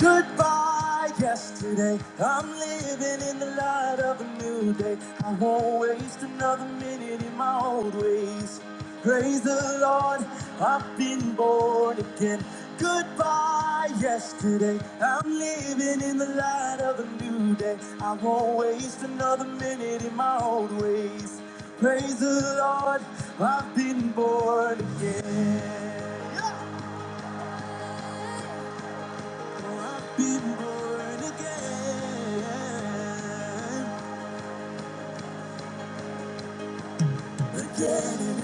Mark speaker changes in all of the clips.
Speaker 1: Goodbye, yesterday. I'm living in the light of a new day. I won't waste another minute in my old ways. Praise the Lord, I've been born again. Goodbye, yesterday. I'm living in the light of a new day. I won't waste another minute in my old ways. Praise the Lord, I've been born again. Been born again, again. and again.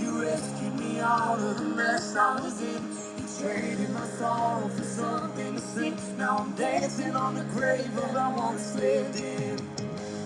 Speaker 1: You rescued me out of the mess I was in. You traded my sorrow for something to sin. Now I'm dancing on the grave of I once lived in.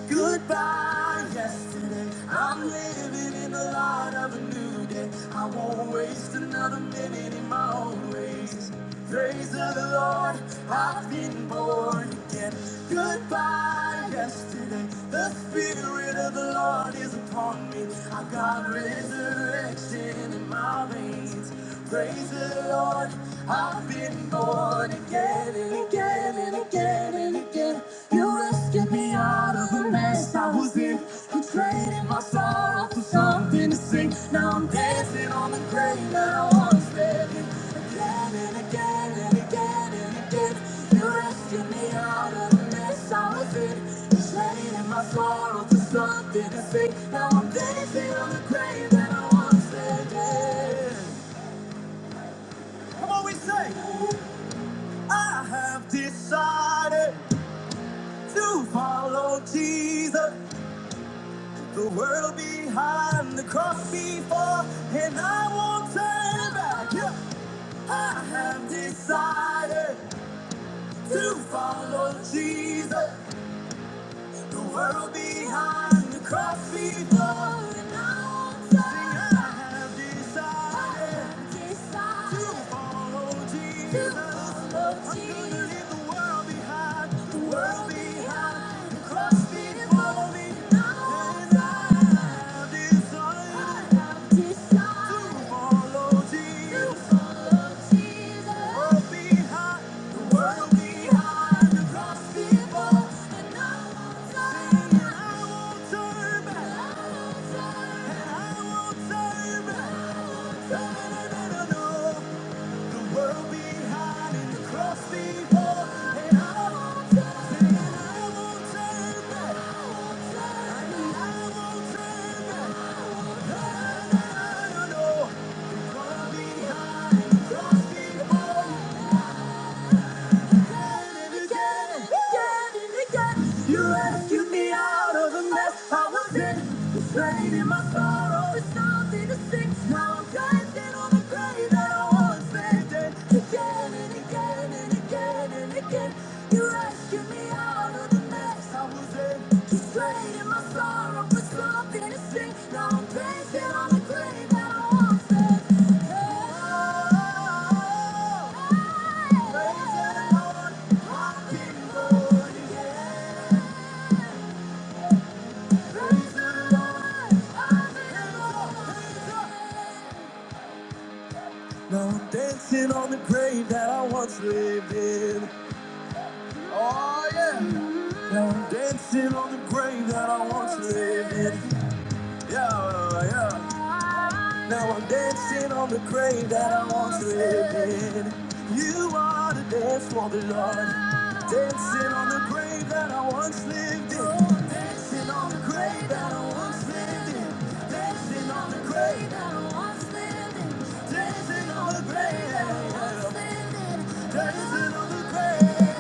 Speaker 1: Goodbye, yesterday. I'm living in the light of a new day. I won't waste another minute in my own ways. Praise of the Lord, I've been born again. Goodbye, yesterday. The Spirit of the Lord is upon me. I got resurrection in my veins. Praise the Lord, I've been born again and again and again and again. You rescued me out of the mess I was in. You traded my sorrow for something to sing. Now I'm dancing on the grave that I once lived in. Again and again and again and again. You rescued me out of the mess I was in. You traded my sorrow for something to sing. Now I'm dancing on the grave that I once lived in. Come on, we say, I have decided to follow Jesus, the world behind the cross before, and I won't turn back. Yeah. I have decided to follow Jesus, The world behind the cross before the mountain. Sing, I have decided I have decided to follow Jesus. To follow I'm gonna Jesus. leave the world behind, the world behind, the cross before me. And now I won't Turn back. You rescued me out of the mess I was in. Betrayed in my sorrow, it's nothing to sing. Now I'm dancing on the grave that I once lived in. Again and again and again and again. You rescued. Now I'm dancing on the grave that I once lived in. Oh yeah. Dancing on the grave that I once lived in. Yeah, yeah. Now I'm dancing on the grave that I once lived in. You are the dance for the Lord. Dancing on the grave that I once lived in. Dancing on the grave that I once lived in. Dancing on the grave that I once lived in. Dancing on the grave that I once lived in. Dancing on the grave.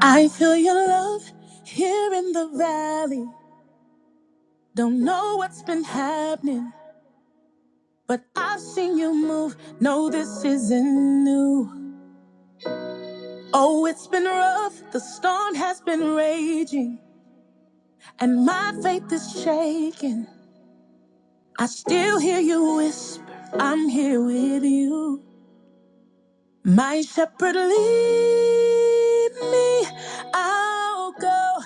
Speaker 1: I feel your love here in the valley. Don't know what's been happening, but I've seen you move. No, this isn't new. Oh, it's been rough. The storm has been raging. and my faith is shaken. I still hear you whisper, I'm here with you. My shepherd, lead me, I'll go.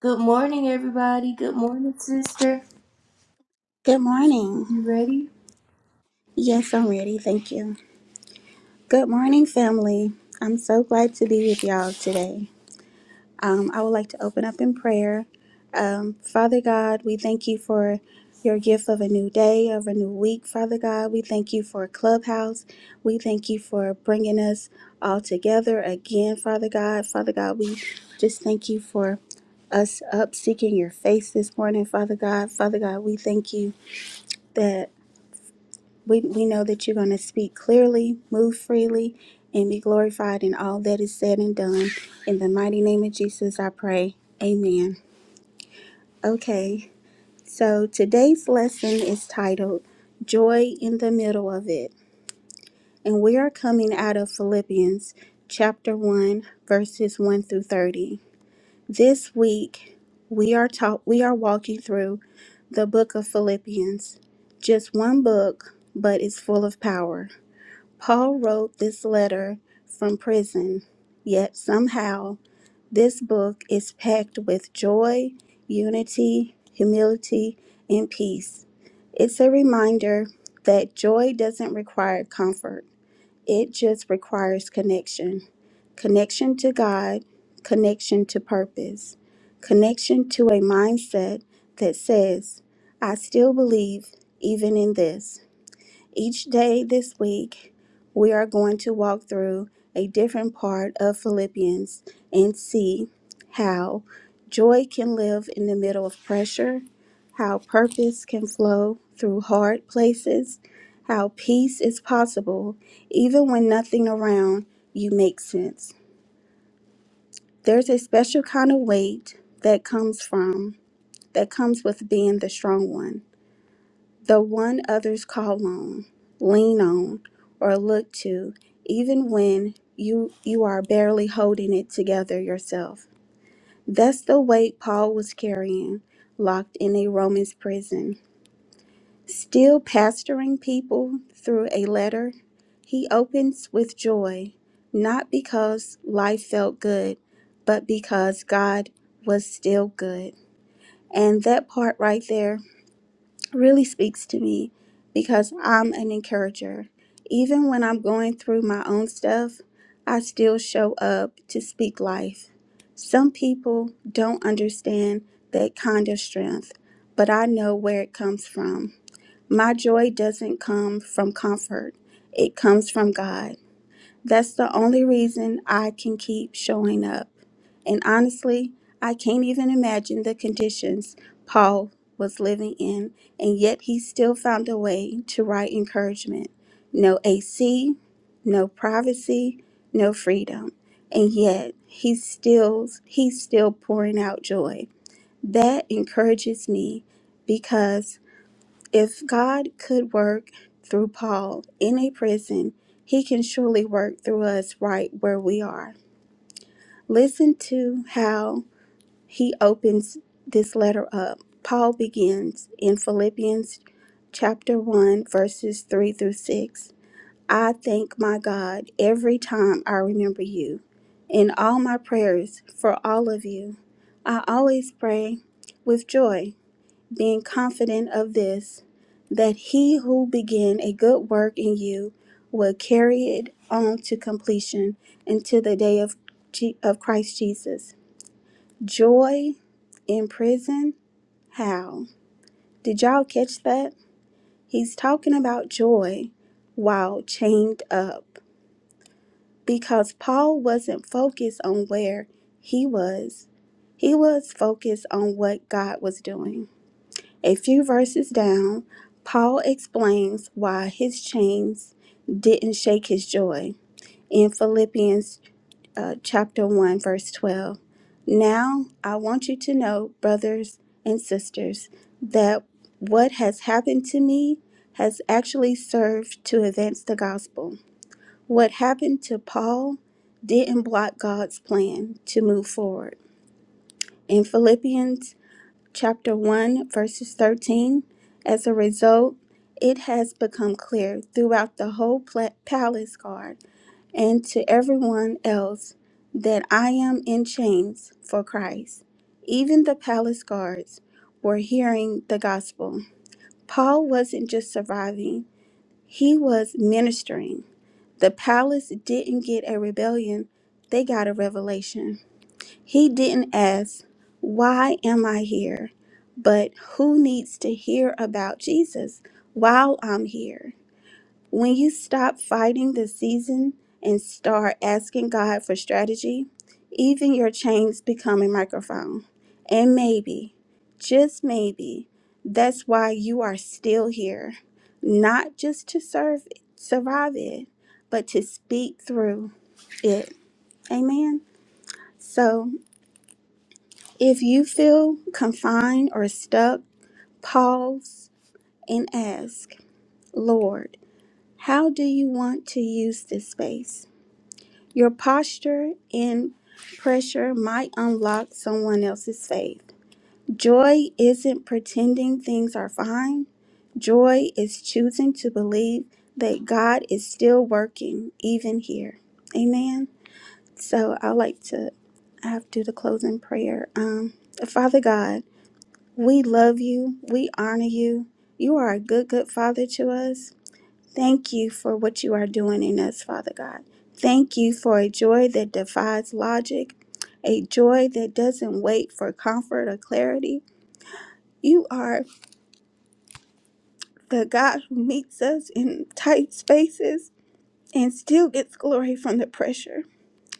Speaker 1: Good morning, everybody. Good morning, sister.
Speaker 2: Good morning.
Speaker 1: You ready?
Speaker 2: Yes, I'm ready. Thank you. Good morning, family. I'm so glad to be with y'all today. Um, I would like to open up in prayer. Um, Father God, we thank you for your gift of a new day, of a new week. Father God, we thank you for Clubhouse. We thank you for bringing us all together again, Father God. Father God, we just thank you for us up seeking your face this morning, Father God. Father God, we thank you. that. We, we know that you're going to speak clearly, move freely, and be glorified in all that is said and done. In the mighty name of Jesus, I pray. Amen. Okay, so today's lesson is titled Joy in the Middle of It. And we are coming out of Philippians chapter 1, verses 1 through 30. This week, we are taught, we are walking through the book of Philippians. Just one book, but it's full of power. Paul wrote this letter from prison, yet somehow this book is packed with joy, unity, humility, and peace. It's a reminder that joy doesn't require comfort, it just requires connection connection to God, connection to purpose, connection to a mindset that says, I still believe even in this. Each day this week, we are going to walk through a different part of Philippians and see how joy can live in the middle of pressure, how purpose can flow through hard places, how peace is possible even when nothing around you makes sense. There's a special kind of weight that comes from, that comes with being the strong one the one others call on, lean on, or look to, even when you you are barely holding it together yourself. That's the weight Paul was carrying, locked in a Roman's prison. Still pastoring people through a letter, he opens with joy, not because life felt good, but because God was still good. And that part right there really speaks to me because I'm an encourager. Even when I'm going through my own stuff, I still show up to speak life. Some people don't understand that kind of strength, but I know where it comes from. My joy doesn't come from comfort, it comes from God. That's the only reason I can keep showing up. And honestly, I can't even imagine the conditions Paul was living in, and yet he still found a way to write encouragement. No AC, no privacy, no freedom. And yet he still he's still pouring out joy. That encourages me because if God could work through Paul in a prison, he can surely work through us right where we are. Listen to how he opens this letter up. Paul begins in Philippians chapter 1, verses 3 through 6. I thank my God every time I remember you. In all my prayers for all of you, I always pray with joy being confident of this, that he who began a good work in you will carry it on to completion until the day of, Je- of Christ Jesus. Joy in prison? How? Did y'all catch that? He's talking about joy while chained up because Paul wasn't focused on where he was, he was focused on what God was doing. A few verses down, Paul explains why his chains didn't shake his joy in Philippians uh, chapter 1, verse 12. Now I want you to know, brothers and sisters, that what has happened to me has actually served to advance the gospel. What happened to Paul didn't block God's plan to move forward. In Philippians chapter 1, verses 13. As a result, it has become clear throughout the whole pla- palace guard and to everyone else that I am in chains for Christ. Even the palace guards were hearing the gospel. Paul wasn't just surviving, he was ministering. The palace didn't get a rebellion, they got a revelation. He didn't ask, Why am I here? But who needs to hear about Jesus while I'm here? When you stop fighting the season and start asking God for strategy, even your chains become a microphone. And maybe, just maybe, that's why you are still here, not just to serve survive it, but to speak through it. Amen. So if you feel confined or stuck, pause and ask, Lord, how do you want to use this space? Your posture and pressure might unlock someone else's faith. Joy isn't pretending things are fine, joy is choosing to believe that God is still working, even here. Amen. So I like to I have to do the closing prayer. Um, Father God, We love you. We honor you. You are a good, good Father to us. Thank you for what you are doing in us, Father God. Thank you for a joy that defies logic, a joy that doesn't wait for comfort or clarity. You are the God who meets us in tight spaces and still gets glory from the pressure.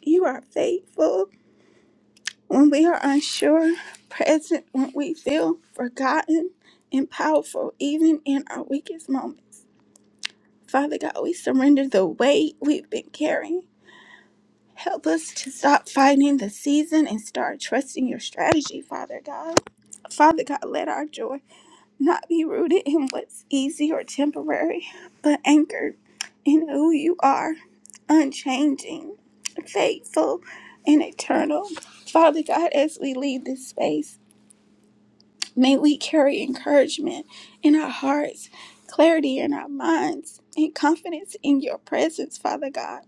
Speaker 2: You are faithful when we are unsure, present when we feel forgotten, and powerful even in our weakest moments. Father God, we surrender the weight we've been carrying. Help us to stop fighting the season and start trusting your strategy, Father God. Father God, let our joy not be rooted in what's easy or temporary, but anchored in who you are, unchanging, faithful, and eternal. Father God, as we leave this space, May we carry encouragement in our hearts, clarity in our minds, and confidence in your presence, Father God.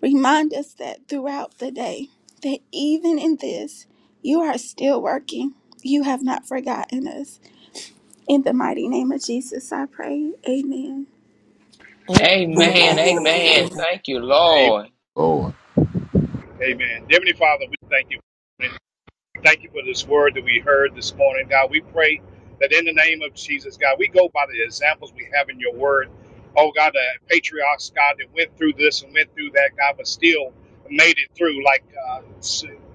Speaker 2: Remind us that throughout the day, that even in this, you are still working. You have not forgotten us. In the mighty name of Jesus, I pray. Amen.
Speaker 3: Amen. Amen.
Speaker 4: Amen.
Speaker 3: Thank you,
Speaker 5: Amen.
Speaker 3: Lord.
Speaker 6: Lord,
Speaker 5: Amen. Heavenly Father, we thank you. Thank you for this word that we heard this morning, God. We pray that in the name of Jesus, God, we go by the examples we have in your word. Oh, God, the patriarchs, God, that went through this and went through that, God, but still made it through, like uh,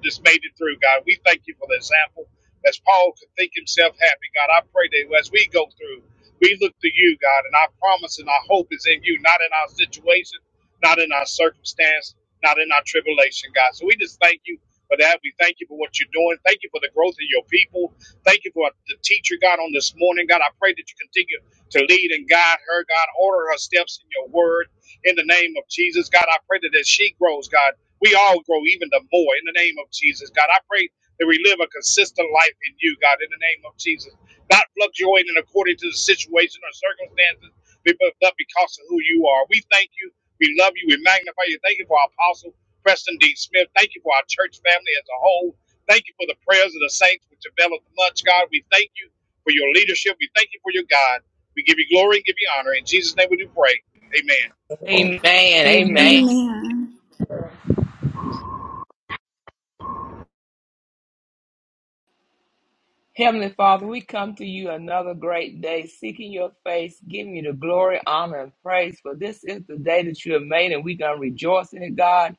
Speaker 5: just made it through, God. We thank you for the example. As Paul could think himself happy, God, I pray that as we go through, we look to you, God, and our promise and our hope is in you, not in our situation, not in our circumstance, not in our tribulation, God. So we just thank you for that. We thank you for what you're doing. Thank you for the growth of your people. Thank you for the teacher, God, on this morning. God, I pray that you continue to lead and guide her, God. Order her steps in your word in the name of Jesus. God, I pray that as she grows, God, we all grow even the more in the name of Jesus. God, I pray that we live a consistent life in you, God, in the name of Jesus. Not fluctuating according to the situation or circumstances, but because of who you are. We thank you. We love you. We magnify you. Thank you for our apostle. Preston D. Smith. Thank you for our church family as a whole. Thank you for the prayers of the saints which availeth much, God. We thank you for your leadership. We thank you for your God. We give you glory and give you honor. In Jesus' name we do pray. Amen.
Speaker 3: Amen.
Speaker 1: Amen.
Speaker 3: Amen.
Speaker 2: Amen.
Speaker 3: Heavenly Father, we come to you another great day, seeking your face, giving you the glory, honor, and praise. For this is the day that you have made, and we're going to rejoice in it, God.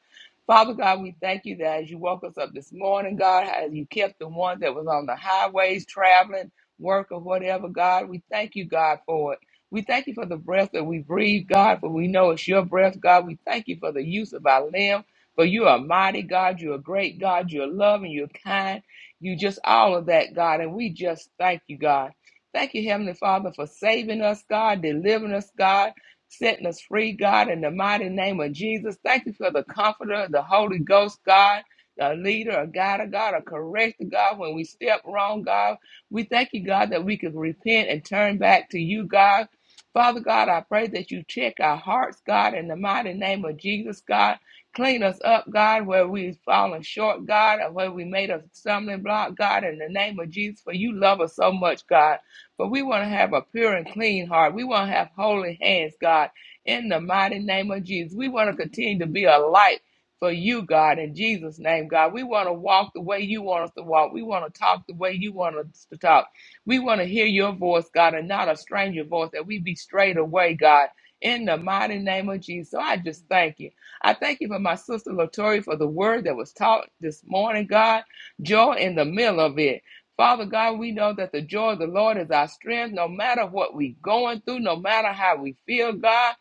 Speaker 3: Father God, we thank you that as you woke us up this morning, God, as you kept the ones that was on the highways traveling, work or whatever, God, we thank you, God, for it. We thank you for the breath that we breathe, God, for we know it's your breath, God. We thank you for the use of our limb, for you are mighty, God. You are great, God. You are loving, you're kind. You just all of that, God. And we just thank you, God. Thank you, Heavenly Father, for saving us, God, delivering us, God, setting us free, God, in the mighty name of Jesus. Thank you for the comforter, the Holy Ghost, God, the leader, a guide, a God, a corrector, God, when we step wrong, God. We thank you, God, that we can repent and turn back to you, God. Father God, I pray that you check our hearts, God, in the mighty name of Jesus, God. Clean us up, God, where we've fallen short, God, and where we made a stumbling block, God, in the name of Jesus, for you love us so much, God. But we want to have a pure and clean heart. We want to have holy hands, God, in the mighty name of Jesus. We want to continue to be a light for you, God, in Jesus' name, God. We want to walk the way you want us to walk. We want to talk the way you want us to talk. We want to hear your voice, God, and not a stranger voice, that we be straight away, God, in the mighty name of Jesus. So I just thank you. I thank you for my sister Latoya for the word that was taught this morning, God. Joy in the middle of it. Father God, we know that the joy of the Lord is our strength, no matter what we're going through, no matter how we feel, God.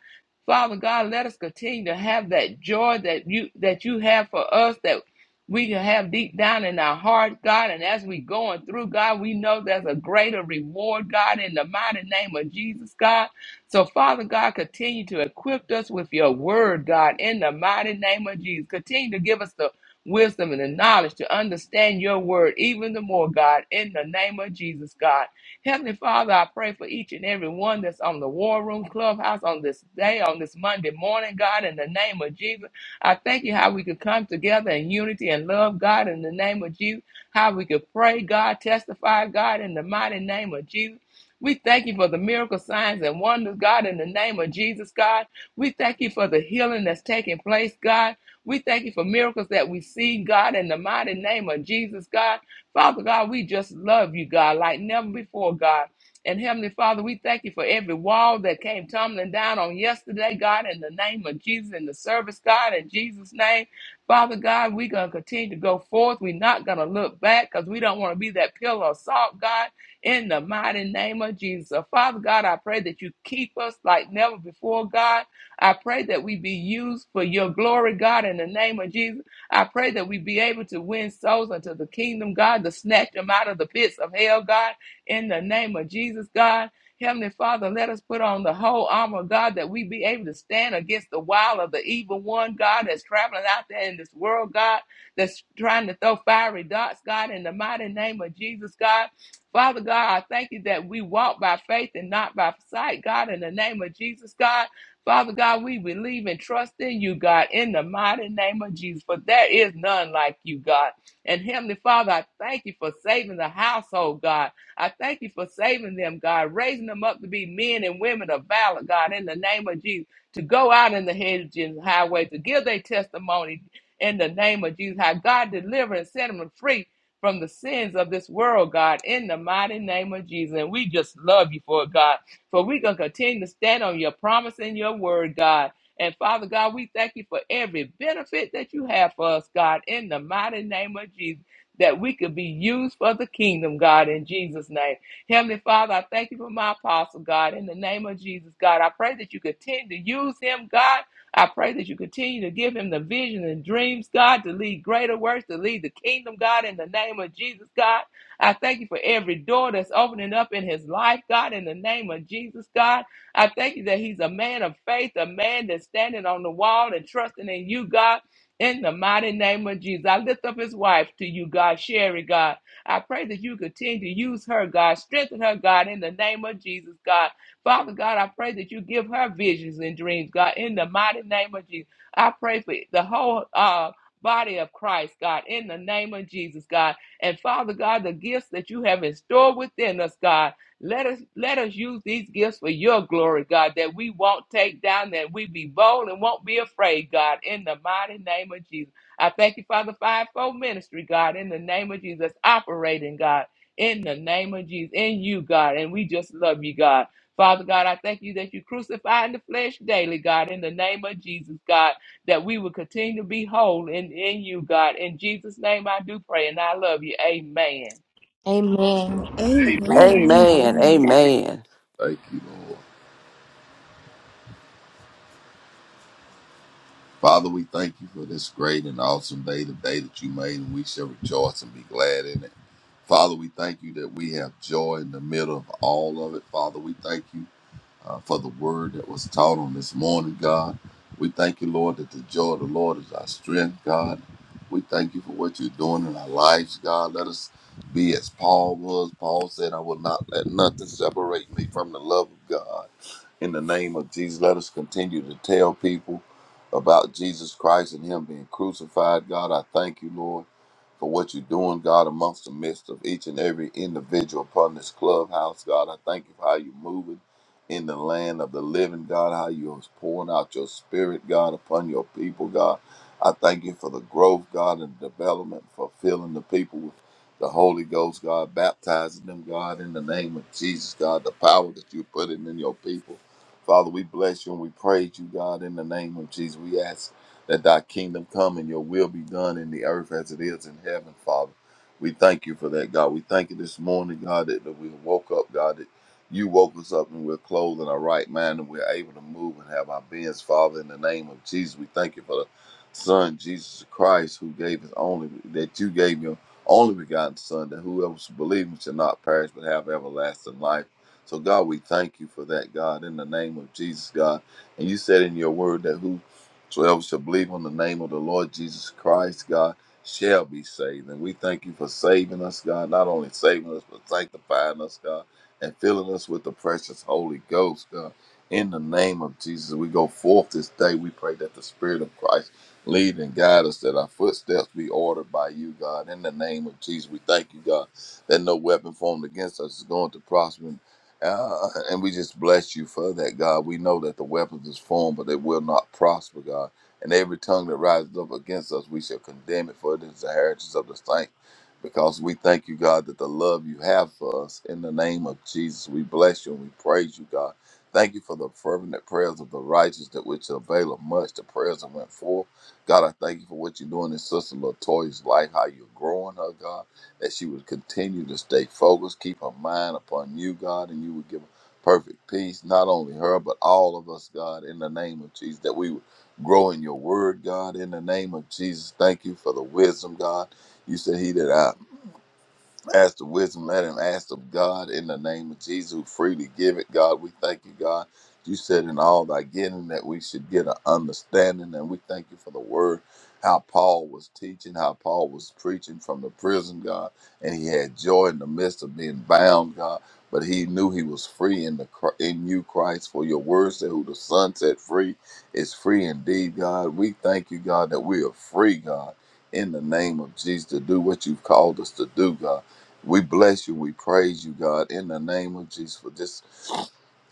Speaker 3: Father God, let us continue to have that joy that you that you have for us that we can have deep down in our heart, God. And as we going through, God, we know there's a greater reward, God, in the mighty name of Jesus, God. So, Father God, continue to equip us with your word, God, in the mighty name of Jesus. Continue to give us the wisdom and the knowledge to understand your word even the more, God, in the name of Jesus, God. Heavenly Father, I pray for each and every one that's on the War Room Clubhouse on this day, on this Monday morning, God, in the name of Jesus. I thank you how we could come together in unity and love, God, in the name of Jesus. How we could pray, God, testify, God, in the mighty name of Jesus we thank you for the miracle signs and wonders, God, in the name of Jesus, God. We thank you for the healing that's taking place, God. We thank you for miracles that we see, God, in the mighty name of Jesus, God. Father God, we just love you, God, like never before, God. And Heavenly Father, we thank you for every wall that came tumbling down on yesterday, God, in the name of Jesus, in the service, God, in Jesus' name. Father God, we're going to continue to go forth. We're not going to look back because we don't want to be that pillar of salt, God in the mighty name of Jesus. So, Father God, I pray that you keep us like never before, God. I pray that we be used for your glory, God, in the name of Jesus. I pray that we be able to win souls unto the kingdom, God, to snatch them out of the pits of hell, God, in the name of Jesus, God. Heavenly Father, let us put on the whole armor, God, that we be able to stand against the wile of the evil one, God, that's traveling out there in this world, God, that's trying to throw fiery darts, God, in the mighty name of Jesus, God. Father God, I thank you that we walk by faith and not by sight. God, in the name of Jesus, God, Father God, we believe and trust in you, God, in the mighty name of Jesus. For there is none like you, God. And Heavenly Father, I thank you for saving the household, God. I thank you for saving them, God, raising them up to be men and women of valor, God, in the name of Jesus, to go out in the hedges and highway, to give their testimony in the name of Jesus, how God deliver and set them free from the sins of this world, God, in the mighty name of Jesus. And we just love you for it, God. For we going to continue to stand on your promise and your word, God. And Father God, we thank you for every benefit that you have for us, God, in the mighty name of Jesus, that we could be used for the kingdom, God, in Jesus' name. Heavenly Father, I thank you for my apostle, God, in the name of Jesus, God. I pray that you continue to use him, God I pray that you continue to give him the vision and dreams, God, to lead greater works, to lead the kingdom, God, in the name of Jesus, God. I thank you for every door that's opening up in his life, God, in the name of Jesus, God. I thank you that he's a man of faith, a man that's standing on the wall and trusting in you, God. In the mighty name of Jesus, I lift up his wife to you, God, Sherry, God. I pray that you continue to use her, God, strengthen her, God, in the name of Jesus, God. Father God, I pray that you give her visions and dreams, God, in the mighty name of Jesus. I pray for the whole uh, body of Christ, God, in the name of Jesus, God. And Father God, the gifts that you have in store within us, God, let us let us use these gifts for your glory, God, that we won't take down, that we be bold and won't be afraid, God, in the mighty name of Jesus. I thank you, Father, fivefold ministry, God, in the name of Jesus, operating, God, in the name of Jesus, in you, God, and we just love you, God. Father God, I thank you that you crucify in the flesh daily, God, in the name of Jesus, God, that we will continue to be whole in, in you, God. In Jesus' name I do pray and I love you. Amen.
Speaker 1: Amen.
Speaker 2: Amen.
Speaker 4: Amen. Amen.
Speaker 7: Amen.
Speaker 2: Amen.
Speaker 7: Amen.
Speaker 6: thank you, Lord. Father, we thank you for this great and awesome day, the day that you made, and we shall rejoice and be glad in it. Father, we thank you that we have joy in the middle of all of it. Father, we thank you uh, for the word that was taught on this morning, God. We thank you, Lord, that the joy of the Lord is our strength, God. We thank you for what you're doing in our lives, God. Let us be as Paul was. Paul said, I will not let nothing separate me from the love of God. In the name of Jesus, let us continue to tell people about Jesus Christ and Him being crucified. God, I thank you, Lord, for what you're doing, God, amongst the midst of each and every individual upon this clubhouse. God, I thank you for how you're moving in the land of the living, God, how you're pouring out your spirit, God, upon your people, God. I thank you for the growth, God, and development, for filling the people with the Holy Ghost, God, baptizing them, God, in the name of Jesus, God, the power that you're putting in your people. Father, we bless you and we praise you, God, in the name of Jesus. We ask that thy kingdom come and your will be done in the earth as it is in heaven, Father. We thank you for that, God. We thank you this morning, God, that, that we woke up, God, that you woke us up and we're clothed in our right mind and we're able to move and have our beings, Father, in the name of Jesus. We thank you for the Son, Jesus Christ, who gave his only, that you gave your only begotten Son, that whoever believes shall not perish but have everlasting life. So, God, we thank you for that, God, in the name of Jesus, God. And you said in your word that whosoever shall believe on the name of the Lord Jesus Christ, God, shall be saved. And we thank you for saving us, God, not only saving us, but sanctifying us, God, and filling us with the precious Holy Ghost, God. In the name of Jesus, we go forth this day. We pray that the Spirit of Christ lead and guide us, that our footsteps be ordered by you, God. In the name of Jesus, we thank you, God, that no weapon formed against us is going to prosper. Uh, and we just bless you for that, God. We know that the weapons is formed, but they will not prosper, God. And every tongue that rises up against us, we shall condemn it, for it is the heritage of the saints. Because we thank you, God, that the love you have for us in the name of Jesus. We bless you and we praise you, God. Thank you for the fervent prayers of the righteous that which avail much. The prayers that went forth. God, I thank you for what you're doing in Sister Latoya's life, how you're growing her, God that she would continue to stay focused, keep her mind upon you, God, and you would give her perfect peace, not only her, but all of us, God, in the name of Jesus, that we would grow in your word, God, in the name of Jesus. Thank you for the wisdom, God. You said, He that I Ask the wisdom, let him ask of God in the name of Jesus, who freely give it. God, we thank you, God. You said in all thy getting that we should get an understanding, and we thank you for the word, how Paul was teaching, how Paul was preaching from the prison, God, and he had joy in the midst of being bound, God. But he knew he was free in the Chr- in you, Christ, for your word said, "Who the Son set free is free indeed." God, we thank you, God, that we are free, God in the name of Jesus to do what you've called us to do, God. We bless you. We praise you, God, in the name of Jesus for this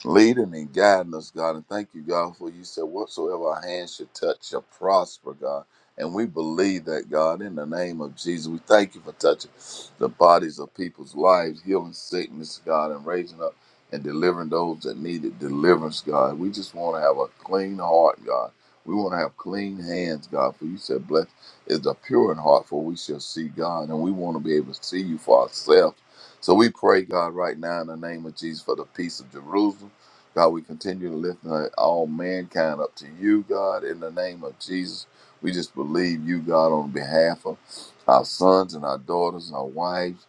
Speaker 6: leading and guiding us, God. And thank you, God, for you said whatsoever our hands should touch shall prosper, God. And we believe that, God, in the name of Jesus. We thank you for touching the bodies of people's lives, healing sickness, God, and raising up and delivering those that needed deliverance, God. We just want to have a clean heart, God. We want to have clean hands, God. For you said, blessed is the pure in heart, for we shall see God. And we want to be able to see you for ourselves. So we pray, God, right now in the name of Jesus for the peace of Jerusalem. God, we continue to lift uh, all mankind up to you, God, in the name of Jesus. We just believe you, God, on behalf of our sons and our daughters, our wives,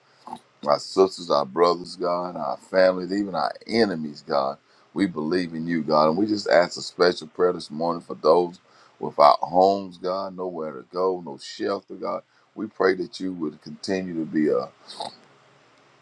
Speaker 6: our sisters, our brothers, God, our families, even our enemies, God. We believe in you, God. And we just ask a special prayer this morning for those without homes, God, nowhere to go, no shelter, God. We pray that you would continue to be a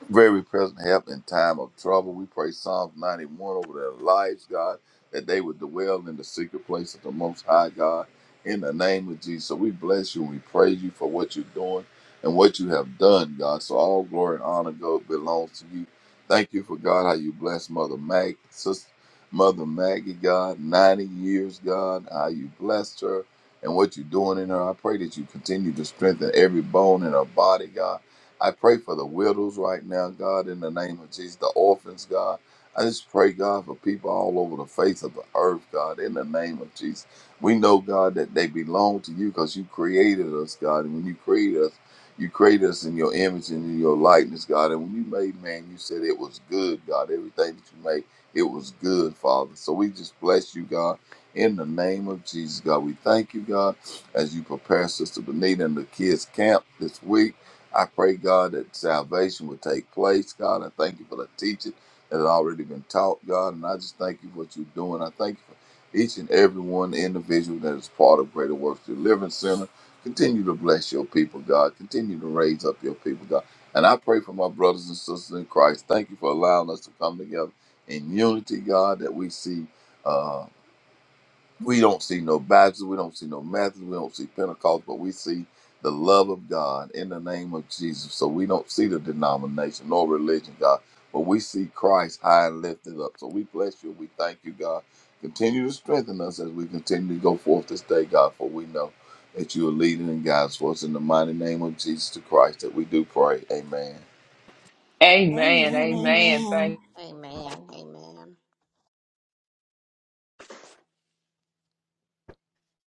Speaker 6: very present help in time of trouble. We pray Psalms 91 over their lives, God, that they would dwell in the secret place of the Most High, God, in the name of Jesus. So we bless you and we praise you for what you're doing and what you have done, God. So all glory and honor go belongs to you. Thank you for God, how you bless Mother Mag, Sister Mother Maggie, God, 90 years, God, how you blessed her and what you're doing in her. I pray that you continue to strengthen every bone in her body, God I pray for the widows right now, God, in the name of Jesus, the orphans, God. I just pray, God, for people all over the face of the earth, God, in the name of Jesus. We know, God, that they belong to you because you created us, God. And when you created us, you created us in your image and in your likeness, God. And when you made man, you said it was good, God. Everything that you made, it was good, Father. So we just bless you, God, in the name of Jesus, God. We thank you, God, as you prepare Sister Benita and the kids' camp this week. I pray, God, that salvation will take place. God, I thank you for the teaching that had already been taught, God. And I just thank you for what you're doing. I thank you for each and every one individual that is part of Greater Works Deliverance Center. Continue to bless your people, God. Continue to raise up your people, God. And I pray for my brothers and sisters in Christ. Thank you for allowing us to come together in unity, God, that we see. uh, we don't see no Baptists, we don't see no Methodists, we don't see Pentecost, but we see the love of God in the name of Jesus. So we don't see the denomination nor religion, God, but we see Christ high and lifted up. So we bless you, we thank you, God. Continue to strengthen us as we continue to go forth this day, God, for we know that you are leading and guiding us. For us in the mighty name of Jesus the Christ that we do pray. Amen.
Speaker 3: Amen. Amen.
Speaker 2: Amen.
Speaker 3: Thank
Speaker 4: Amen. Amen.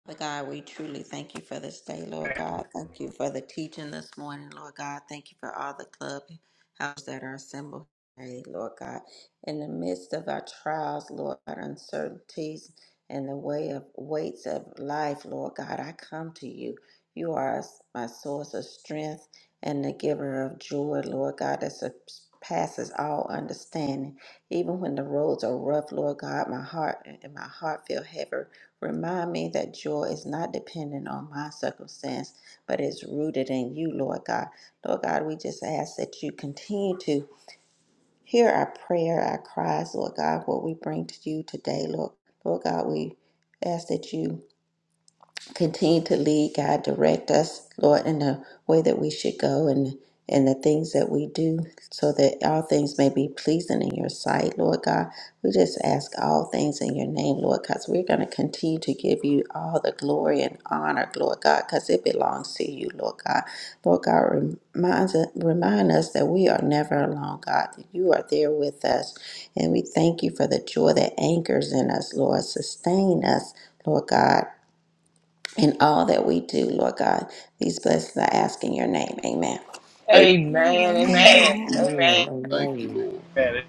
Speaker 4: Father God, we truly thank you for this day, Lord God. Thank you for the teaching this morning, Lord God. Thank you for all the clubhouses that are assembled today, Lord God. In the midst of our trials, Lord God, uncertainties and the way of weights of life, Lord God, I come to you. You are my source of strength and the giver of joy, Lord God, that surpasses all understanding. Even when the roads are rough, Lord God, my heart and my heart feel heavy Remind me that joy is not dependent on my circumstance, but is rooted in you, Lord God. Lord God, we just ask that you continue to hear our prayer, our cries, Lord God, what we bring to you today, Lord. Lord God, we ask that you continue to lead God, direct us, Lord, in the way that we should go and and the things that we do so that all things may be pleasing in your sight, Lord God. We just ask all things in your name, Lord, because we're going to continue to give you all the glory and honor, Lord God, because it belongs to you, Lord God. Lord God, reminds, remind us that we are never alone, God, that you are there with us. And we thank you for the joy that anchors in us, Lord. Sustain us, Lord God in all that we do, Lord God. These blessings I ask in your name. Amen.
Speaker 6: Amen.
Speaker 2: Amen.
Speaker 3: Amen. Amen.
Speaker 2: Amen.
Speaker 7: Amen.
Speaker 6: Thank you,
Speaker 7: Amen.
Speaker 6: Lord.
Speaker 5: Amen.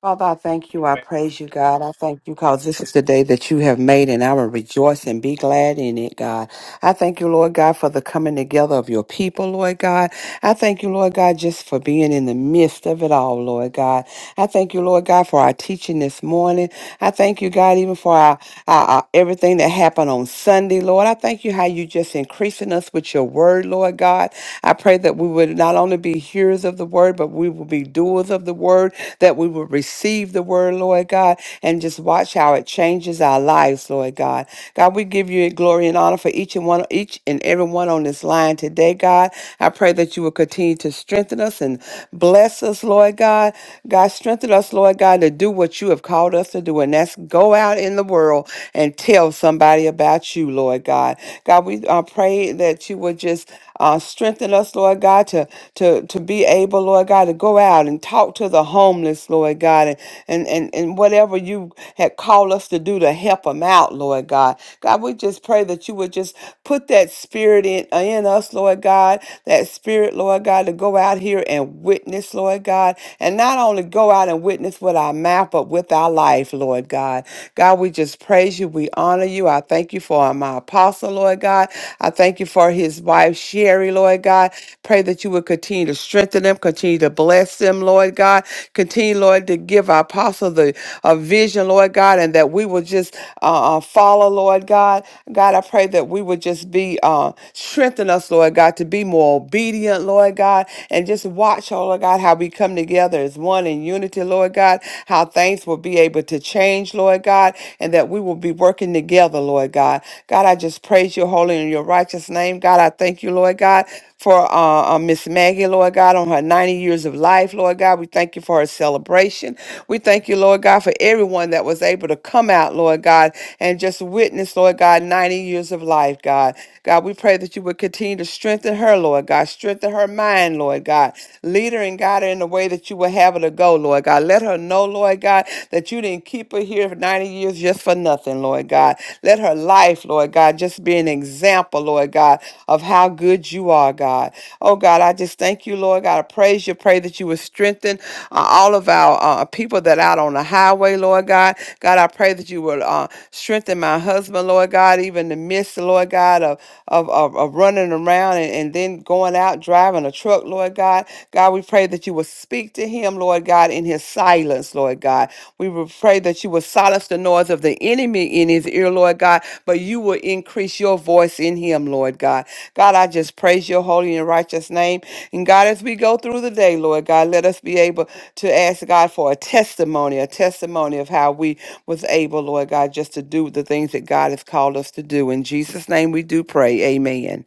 Speaker 7: Father, I thank you. I
Speaker 5: Amen.
Speaker 7: praise you, God. I thank you because this is the day that you have made, and I will rejoice and be glad in it, God. I thank you, Lord God, for the coming together of your people, Lord God. I thank you, Lord God, just for being in the midst of it all, Lord God. I thank you, Lord God, for our teaching this morning. I thank you, God, even for our uh, uh, everything that happened on Sunday, Lord. I thank you how you just increasing us with your word, Lord God. I pray that we would not only be hearers of the word, but we will be doers of the word, that we will receive the word, Lord God, and just watch how it changes our lives, Lord God. God, we give you glory and honor for each and one, each and every one on this line today, God. I pray that you will continue to strengthen us and bless us, Lord God. God, strengthen us, Lord God, to do what you have called us to do doing. That's go out in the world and tell somebody about you, Lord God. God, we uh, pray that you would just uh, strengthen us, Lord God, to, to, to be able, Lord God, to go out and talk to the homeless, Lord God, and, and, and, and whatever you had called us to do to help them out, Lord God. God, we just pray that you would just put that spirit in, uh, in us, Lord God, that spirit, Lord God, to go out here and witness, Lord God, and not only go out and witness, what with our mouth, but with our life, Lord God. God, we just praise you. We honor you. I thank you for my apostle, Lord God. I thank you for his wife, Sherry, Lord God. Pray that you would continue to strengthen them, continue to bless them, Lord God. Continue, Lord, to give our apostle the a vision, Lord God, and that we will just uh, uh, follow, Lord God. God, I pray that we would just be uh, strengthen us, Lord God, to be more obedient, Lord God, and just watch, oh Lord God, how we come together together as one in unity, Lord God, how things will be able to change, Lord God, and that we will be working together, Lord God. God, I just praise your holy and your righteous name. God, I thank you, Lord God, for uh, uh, Miss Maggie, Lord God, on her 90 years of life, Lord God. We thank you for her celebration. We thank you, Lord God, for everyone that was able to come out, Lord God, and just witness, Lord God, 90 years of life, God. God, we pray that you would continue to strengthen her, Lord God. Strengthen her mind, Lord God. Lead her and guide her in the way that you will have her to go, Lord God. Let her know, Lord God, that you didn't keep her here for 90 years just for nothing, Lord God. Let her life, Lord God, just be an example, Lord God, of how good you are, God. Oh, God, I just thank you, Lord God. I praise you. Pray that you would strengthen uh, all of our uh, people that are out on the highway, Lord God. God, I pray that you will uh, strengthen my husband, Lord God, even in the midst, Lord God, of, of, of, of running around and, and then going out driving a truck, Lord God. God, we pray that you will speak to him, Lord God, in his silence, Lord God. We will pray that you will silence the noise of the enemy in his ear, Lord God, but you will increase your voice in him, Lord God. God, I just praise your holy and righteous name. And God, as we go through the day, Lord God, let us be able to ask God for a testimony, a testimony of how we was able, Lord God, just to do the things that God has called us to do. In Jesus' name we do pray. Amen.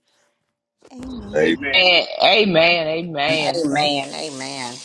Speaker 2: Amen.
Speaker 6: Amen.
Speaker 5: Amen.
Speaker 3: Amen. Amen. Amen. Thank
Speaker 4: Amen. Amen.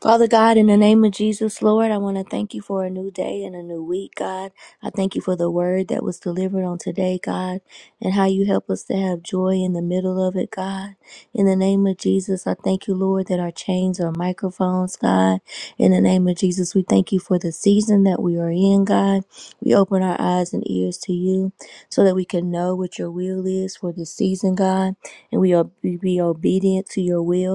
Speaker 1: Father God, in the name of Jesus, Lord, I want to thank you for a new day and a new week, God. I thank you for the word that was delivered on today, God, and how you help us to have joy in the middle of it, God. In the name of Jesus, I thank you, Lord, that our chains are microphones, God. In the name of Jesus, we thank you for the season that we are in, God. We open our eyes and ears to you so that we can know what your will is for this season, God, and we, ob- be obedient to your will.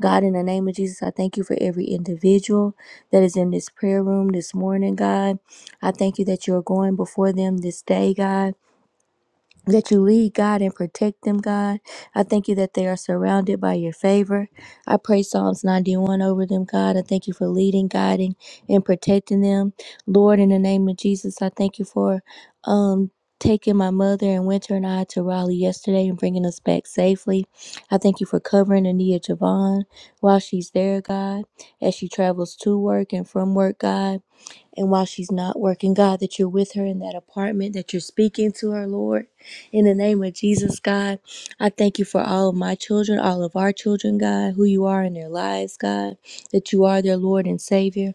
Speaker 1: God, in the name of Jesus, I thank you for every individual that is in this prayer room this morning, God. I thank you that you're going before them this day, God that you lead God and protect them, God. I thank you that they are surrounded by your favor. I pray Psalms 91 over them, God. I thank you for leading, guiding, and protecting them. Lord, in the name of Jesus, I thank you for um taking my mother and Winter and I to Raleigh yesterday and bringing us back safely. I thank you for covering Ania Javon while she's there, God, as she travels to work and from work, God. And while she's not working, God, that you're with her in that apartment, that you're speaking to her, Lord. In the name of Jesus, God, I thank you for all of my children, all of our children, God, who you are in their lives, God, that you are their Lord and Savior.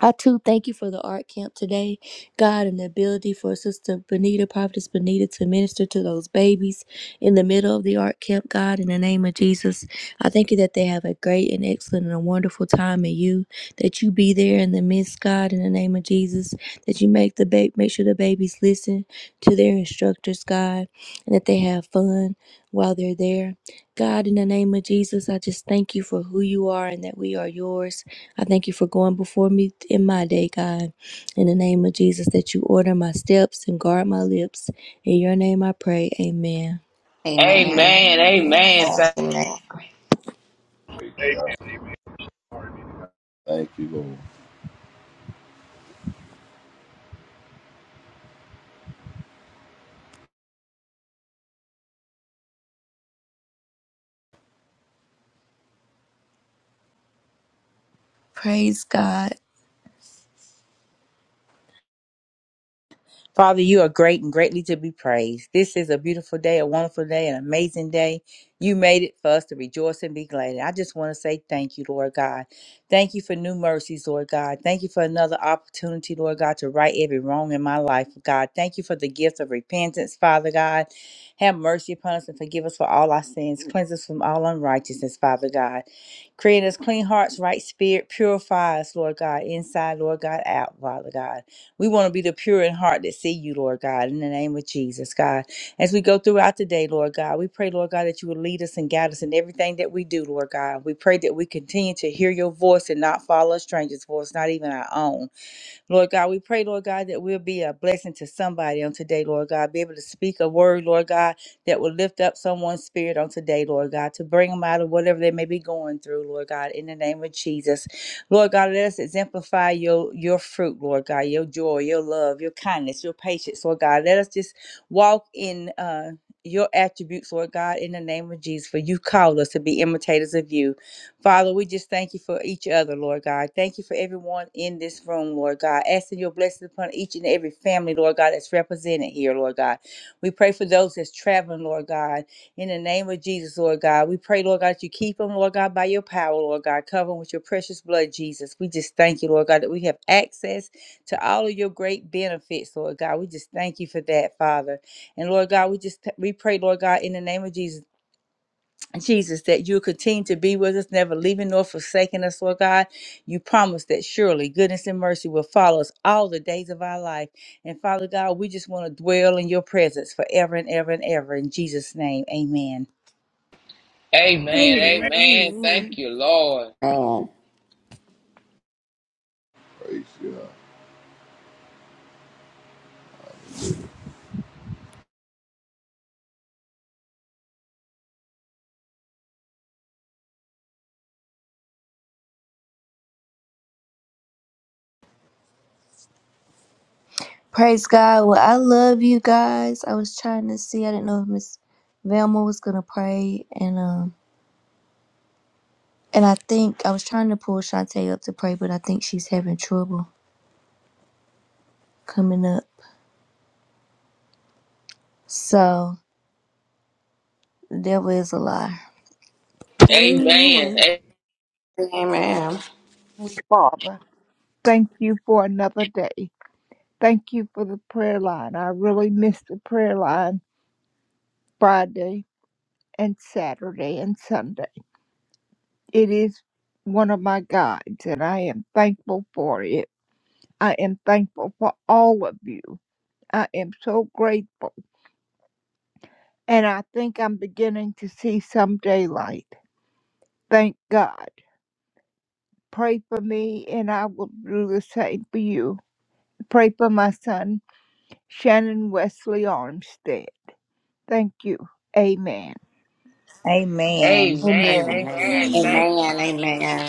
Speaker 1: I too thank you for the art camp today, God, and the ability for Sister Benita, Prophetess Benita, to minister to those babies in the middle of the art camp, God, in the name of Jesus. I thank you that they have a great and excellent and a wonderful time in you, that you be there in the midst, God, in the name of Jesus, that you make the ba- make sure the babies listen to their instructors, God, and that they have fun while they're there. God, in the name of Jesus, I just thank you for who you are and that we are yours. I thank you for going before me in my day, God. In the name of Jesus, that you order my steps and guard my lips. In your name I pray. Amen.
Speaker 2: Amen.
Speaker 4: Amen.
Speaker 3: Amen.
Speaker 2: Amen.
Speaker 3: Amen. Thank
Speaker 4: Amen.
Speaker 6: Praise God. Thank you, Lord.
Speaker 1: Praise God.
Speaker 8: Father, you are great and greatly to be praised. This is a beautiful day, a wonderful day, an amazing day. You made it for us to rejoice and be glad. And I just want to say thank you, Lord God. Thank you for new mercies, Lord God. Thank you for another opportunity, Lord God, to right every wrong in my life, God. Thank you for the gift of repentance, Father God. Have mercy upon us and forgive us for all our sins. Cleanse us from all unrighteousness, Father God. Create us clean hearts, right spirit. Purify us, Lord God, inside, Lord God, out, Father God. We want to be the pure in heart that see you, Lord God, in the name of Jesus, God. As we go throughout the day, Lord God, we pray, Lord God, that you will lead us and guide us in everything that we do, Lord God. We pray that we continue to hear your voice and not follow a stranger's voice, not even our own. Lord God, we pray, Lord God, that we'll be a blessing to somebody on today, Lord God. Be able to speak a word, Lord God, that will lift up someone's spirit on today, Lord God, to bring them out of whatever they may be going through, Lord God, in the name of Jesus. Lord God, let us exemplify your your fruit, Lord God, your joy, your love, your kindness, your patience, Lord God. Let us just walk in uh your attributes, Lord God, in the name of Jesus, for you called us to be imitators of you. Father, we just thank you for each other, Lord God. Thank you for everyone in this room, Lord God. Asking your blessing upon each and every family, Lord God, that's represented here, Lord God. We pray for those that's traveling, Lord God. In the name of Jesus, Lord God, we pray, Lord God, that you keep them, Lord God, by your power, Lord God. Cover them with your precious blood, Jesus. We just thank you, Lord God, that we have access to all of your great benefits, Lord God. We just thank you for that, Father. And Lord God, we just we pray, Lord God, in the name of Jesus. Jesus, that you continue to be with us, never leaving nor forsaking us, Lord God. You promise that surely goodness and mercy will follow us all the days of our life. And Father God, we just want to dwell in your presence forever and ever and ever. In Jesus' name, amen.
Speaker 3: Amen.
Speaker 5: Amen.
Speaker 2: Amen.
Speaker 3: Amen.
Speaker 2: Amen.
Speaker 3: Thank you, Lord.
Speaker 6: Praise you, God.
Speaker 1: Praise God. Well, I love you guys. I was trying to see. I didn't know if Miss Velma was gonna pray and um and I think I was trying to pull Shantae up to pray, but I think she's having trouble coming up. So the devil is a lie.
Speaker 3: Amen.
Speaker 2: Amen.
Speaker 3: A-
Speaker 4: Amen.
Speaker 9: Heavenly Father, thank you for another day. Thank you for the prayer line. I really missed the prayer line Friday and Saturday and Sunday. It is one of my guides, and I am thankful for it. I am thankful for all of you. I am so grateful, and I think I'm beginning to see some daylight. Thank God. Pray for me, and I will do the same for you. Pray for my son, Shannon Wesley Armstead. Thank you. Amen.
Speaker 8: Amen.
Speaker 3: Amen.
Speaker 1: Amen.
Speaker 7: Amen.
Speaker 3: Amen.
Speaker 2: Amen.
Speaker 3: Thank
Speaker 4: Amen. Amen.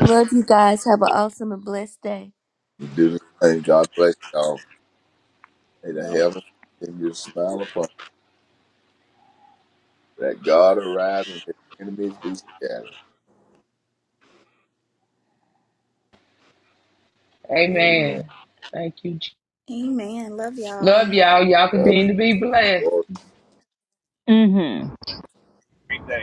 Speaker 1: Love you guys. Have an awesome and blessed day.
Speaker 6: We do the same. God bless y'all. May the heaven continue to smile upon you. That God arise and his enemies be scattered. Amen.
Speaker 3: Amen. Thank you,
Speaker 2: Amen. Love y'all.
Speaker 3: Love y'all. Y'all
Speaker 6: Love
Speaker 3: continue to be
Speaker 6: you
Speaker 3: blessed.
Speaker 6: all.
Speaker 9: Mm hmm
Speaker 5: Amen.